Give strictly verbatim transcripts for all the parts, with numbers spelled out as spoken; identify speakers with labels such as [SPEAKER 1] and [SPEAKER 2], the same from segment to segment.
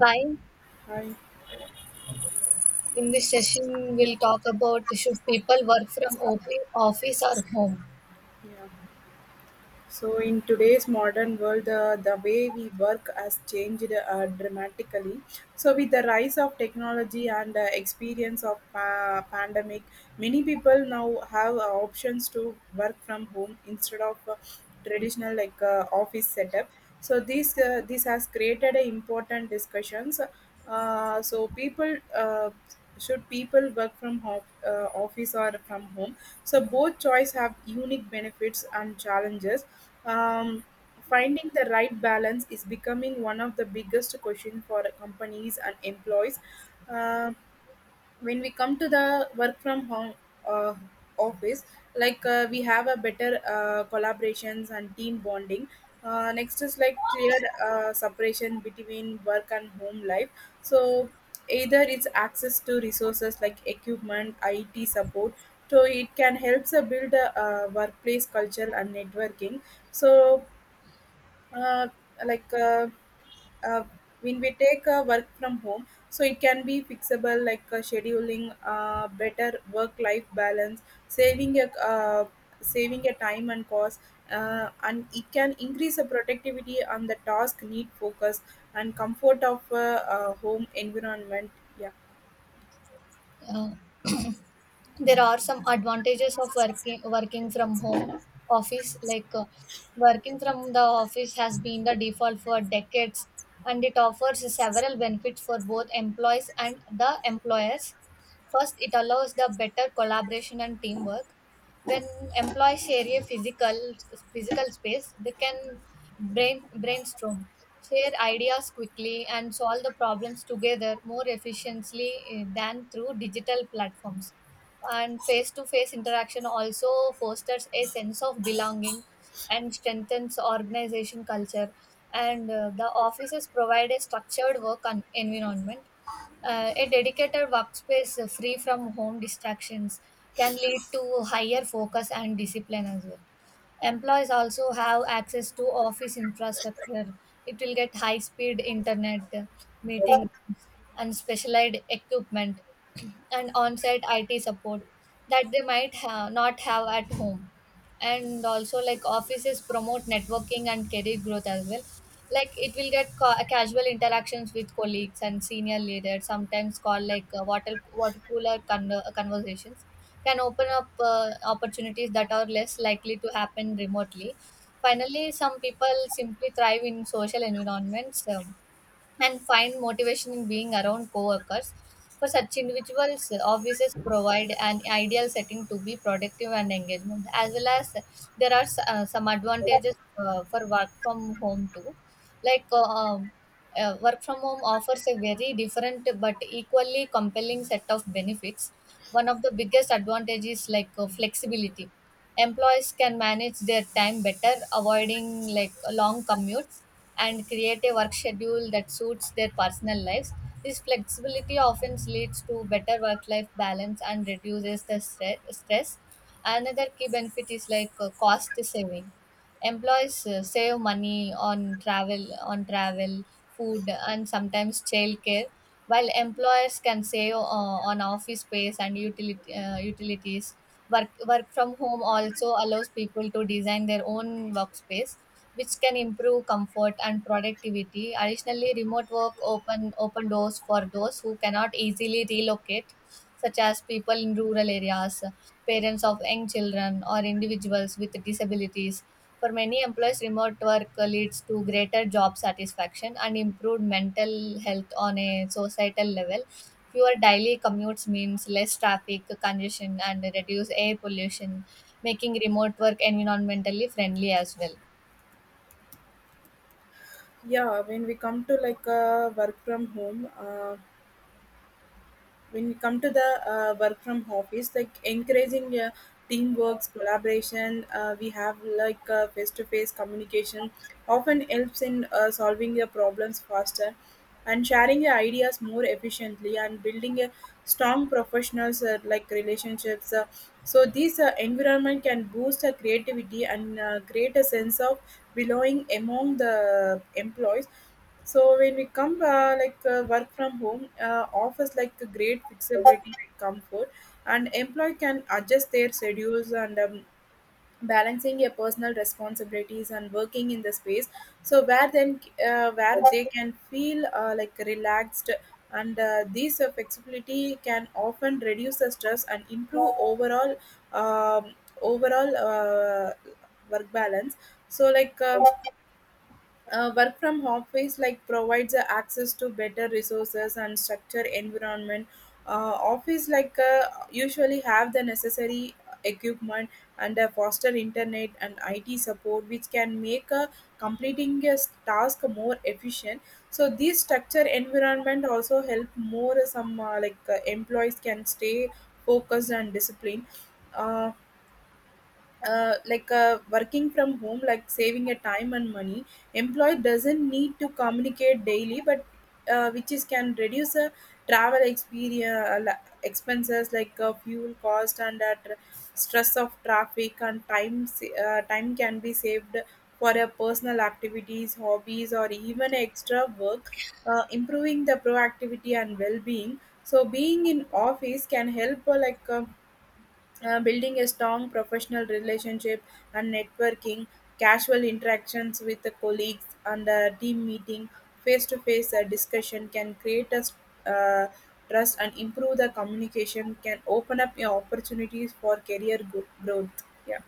[SPEAKER 1] Hi,
[SPEAKER 2] Hi.
[SPEAKER 1] in this session, we'll talk about should people work from op- office or home.
[SPEAKER 2] Yeah. So in today's modern world, uh, the way we work has changed uh, dramatically. So with the rise of technology and uh, experience of uh, pandemic, many people now have uh, options to work from home instead of uh, traditional like uh, office setup. So this uh, this has created a important discussions. Uh, so people uh, should people work from home, uh, office or from home. So both choice have unique benefits and challenges. Um, Finding the right balance is becoming one of the biggest question for companies and employees. Um when we come to the work from home, uh, office, like uh, we have a better uh, collaborations and team bonding. Uh, next is like clear uh, separation between work and home life. So either it's access to resources like equipment it support, so it can help uh, build a uh, workplace culture and networking. So uh, like uh, uh, when we take uh, work from home, so it can be fixable, like uh, scheduling, uh, better work life balance, saving a uh, saving a time and cost, uh, and it can increase the productivity on the task need focus and comfort of uh, uh, home environment. Yeah.
[SPEAKER 1] Uh, there are some advantages of working working from home office like uh, working from the office has been the default for decades, and it offers several benefits for both employees and the employers. First, it allows the better collaboration and teamwork. When employees share a physical physical space, they can brain brainstorm, share ideas quickly, and solve the problems together more efficiently eh, than through digital platforms. And face to face interaction also fosters a sense of belonging and strengthens organization culture. And uh, the offices provide a structured work en- environment. Uh, a dedicated workspace uh, free from home distractions can lead to higher focus and discipline as well. Employees also have access to office infrastructure. It will get high speed internet, meeting rooms, and specialized equipment and on site I T support that they might ha- not have at home. And also, like, offices promote networking and career growth as well. Like, it will get ca- casual interactions with colleagues and senior leaders, sometimes called like uh, water, water cooler con- conversations, can open up uh, opportunities that are less likely to happen remotely. Finally, some people simply thrive in social environments. Um, and find motivation in being around coworkers. For such individuals, offices provide an ideal setting to be productive and engagement, as well as there are uh, some advantages uh, for work from home too. Like uh, um, uh, Work from home offers a very different but equally compelling set of benefits. One of the biggest advantages, like, uh, flexibility: employees can manage their time better, avoiding like long commutes, and create a work schedule that suits their personal lives. This flexibility often leads to better work life balance and reduces the stre- stress. Another key benefit is like uh, cost saving. Employees uh, save money on travel, on travel, food, and sometimes childcare, while employers can save uh, on office space and utility, uh, utilities. Work, work from home also allows people to design their own workspace, which can improve comfort and productivity. Additionally, remote work open open doors for those who cannot easily relocate, such as people in rural areas, parents of young children, or individuals with disabilities. For many employees, remote work leads to greater job satisfaction and improved mental health. On a societal level, fewer daily commutes means less traffic congestion and reduce air pollution, making remote work environmentally friendly as well.
[SPEAKER 2] Yeah, when we come to, like uh, work from home, uh, when you come to the uh, work from office, like encouraging uh, teamwork collaboration, uh, we have, like uh, face-to-face communication often helps in uh, solving your problems faster and sharing your ideas more efficiently and building a strong professionals, uh, like relationships. Uh, so this uh, environment can boost our creativity and uh, create a sense of belonging among the employees. So when we come, uh, like uh, work from home, uh, offers like a great flexibility and comfort, and employee can adjust their schedules and um, balancing your personal responsibilities and working in the space. So where then, uh, where they can feel, uh, like relaxed, and uh, this uh, flexibility can often reduce the stress and improve overall um, overall uh, work balance. So like. Um, uh, work from home phase, like provides uh, access to better resources and structure environment. Uh, office, like uh, usually have the necessary equipment and a foster internet and I T support, which can make uh, completing a s- task more efficient. So this structure environment also help more, uh, some, uh, like uh, employees can stay focused and disciplined. Uh, uh, like uh, Working from home, like saving a time and money, employee doesn't need to communicate daily, but uh, which is can reduce uh, travel experience uh, expenses, like uh, fuel cost and uh, tr- stress of traffic, and time sa- uh, time can be saved for uh, personal activities, hobbies, or even extra work, uh, improving the proactivity and well-being. So being in office can help, uh, like. um uh, building a strong professional relationship and networking, casual interactions with the colleagues, and a team meeting, face to face discussion can create a s- uh, trust and improve the communication, can open up your opportunities for career gro- growth. Yeah.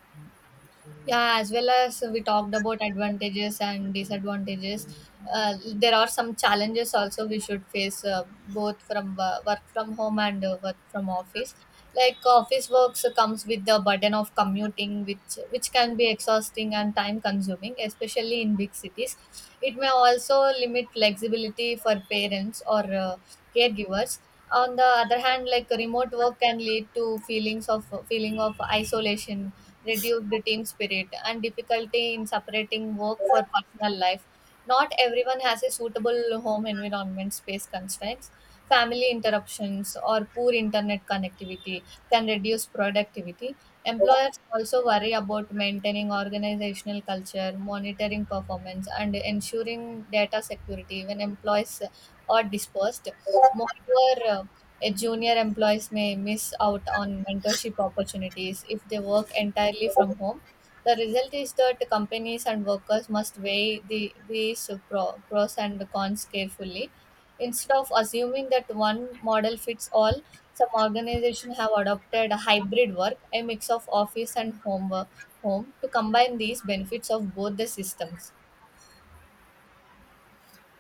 [SPEAKER 1] Yeah, as well as we talked about advantages and disadvantages, uh, there are some challenges also we should face uh, both from wo- work from home and uh, work from office. Like, office works comes with the burden of commuting, which which can be exhausting and time consuming, especially in big cities. It may also limit flexibility for parents or uh, caregivers. On the other hand, like, remote work can lead to feelings of feeling of isolation, reduce the team spirit, and difficulty in separating work for personal life. Not everyone has a suitable home environment; space constraints, family interruptions, or poor internet connectivity can reduce productivity. Employers also worry about maintaining organizational culture, monitoring performance, and ensuring data security when employees are dispersed. Moreover, uh, a junior employees may miss out on mentorship opportunities if they work entirely from home. The result is that companies and workers must weigh the, these pro, pros and cons carefully. Instead of assuming that one model fits all, some organizations have adopted a hybrid work, a mix of office and home, work- home, to combine these benefits of both the systems.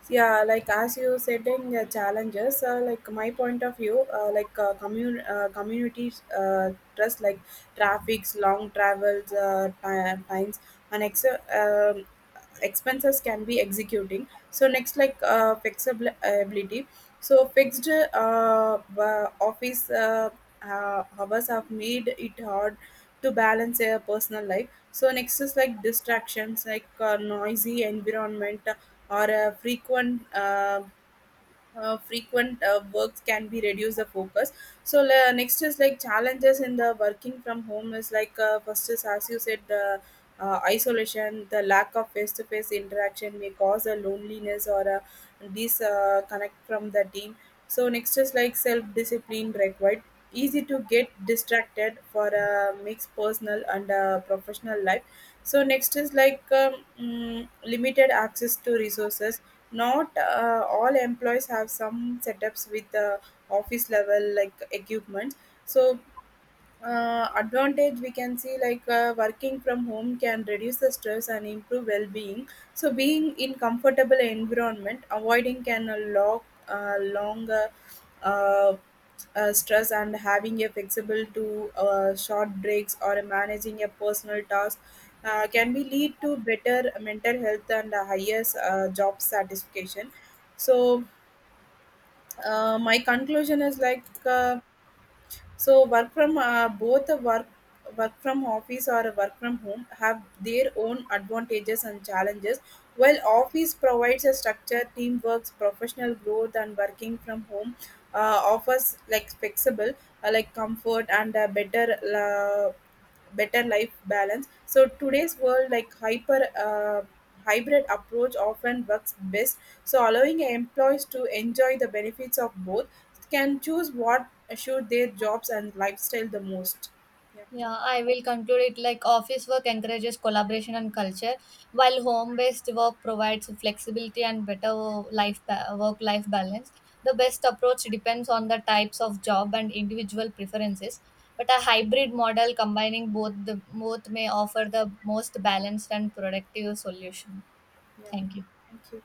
[SPEAKER 2] Yeah, like as you setting uh, challenges, uh, like my point of view, uh, like uh, commun- uh, communities, uh, trust, like traffics, long travels, uh, ti- times, and ex- um expenses can be executing. So next, like uh, flexibility, so fixed uh, wa- office uh, uh, hours have made it hard to balance a personal life. So next is like distractions, like uh, noisy environment or uh, frequent uh, uh, frequent uh, works can be reduce the focus. So uh, next is like challenges in the working from home is like, uh, first is as you said the uh, isolation, the lack of face-to-face interaction may cause a loneliness or a disconnect from the team. So next is like self-discipline required, easy to get distracted for a mixed personal and uh, professional life. So next is like um, mm, limited access to resources, not uh, all employees have some setups with the office level, like equipment. So uh, advantage we can see, like uh, working from home can reduce the stress and improve well-being, so being in comfortable environment avoiding can uh, lock, uh, longer, uh, uh, stress, and having a flexible to uh, short breaks or managing a personal task, uh, can be lead to better mental health and a higher uh, job satisfaction. So uh, my conclusion is like, uh, so work from, uh, both the work work from office or work from home have their own advantages and challenges. While office provides a structure, teamwork, professional growth, and working from home uh, offers like flexible, uh, like comfort and a better uh, better life balance. So today's world, like hyper. Uh, hybrid approach often works best, so allowing employees to enjoy the benefits of both, can choose what assure their jobs and lifestyle the most. Yeah,
[SPEAKER 1] Yeah, I will conclude it like office work encourages collaboration and culture, while home-based work provides flexibility and better life ba- work-life balance. The best approach depends on the types of job and individual preferences, but a hybrid model combining both the both may offer the most balanced and productive solution.
[SPEAKER 2] yeah.
[SPEAKER 1] Thank you.
[SPEAKER 2] Thank you.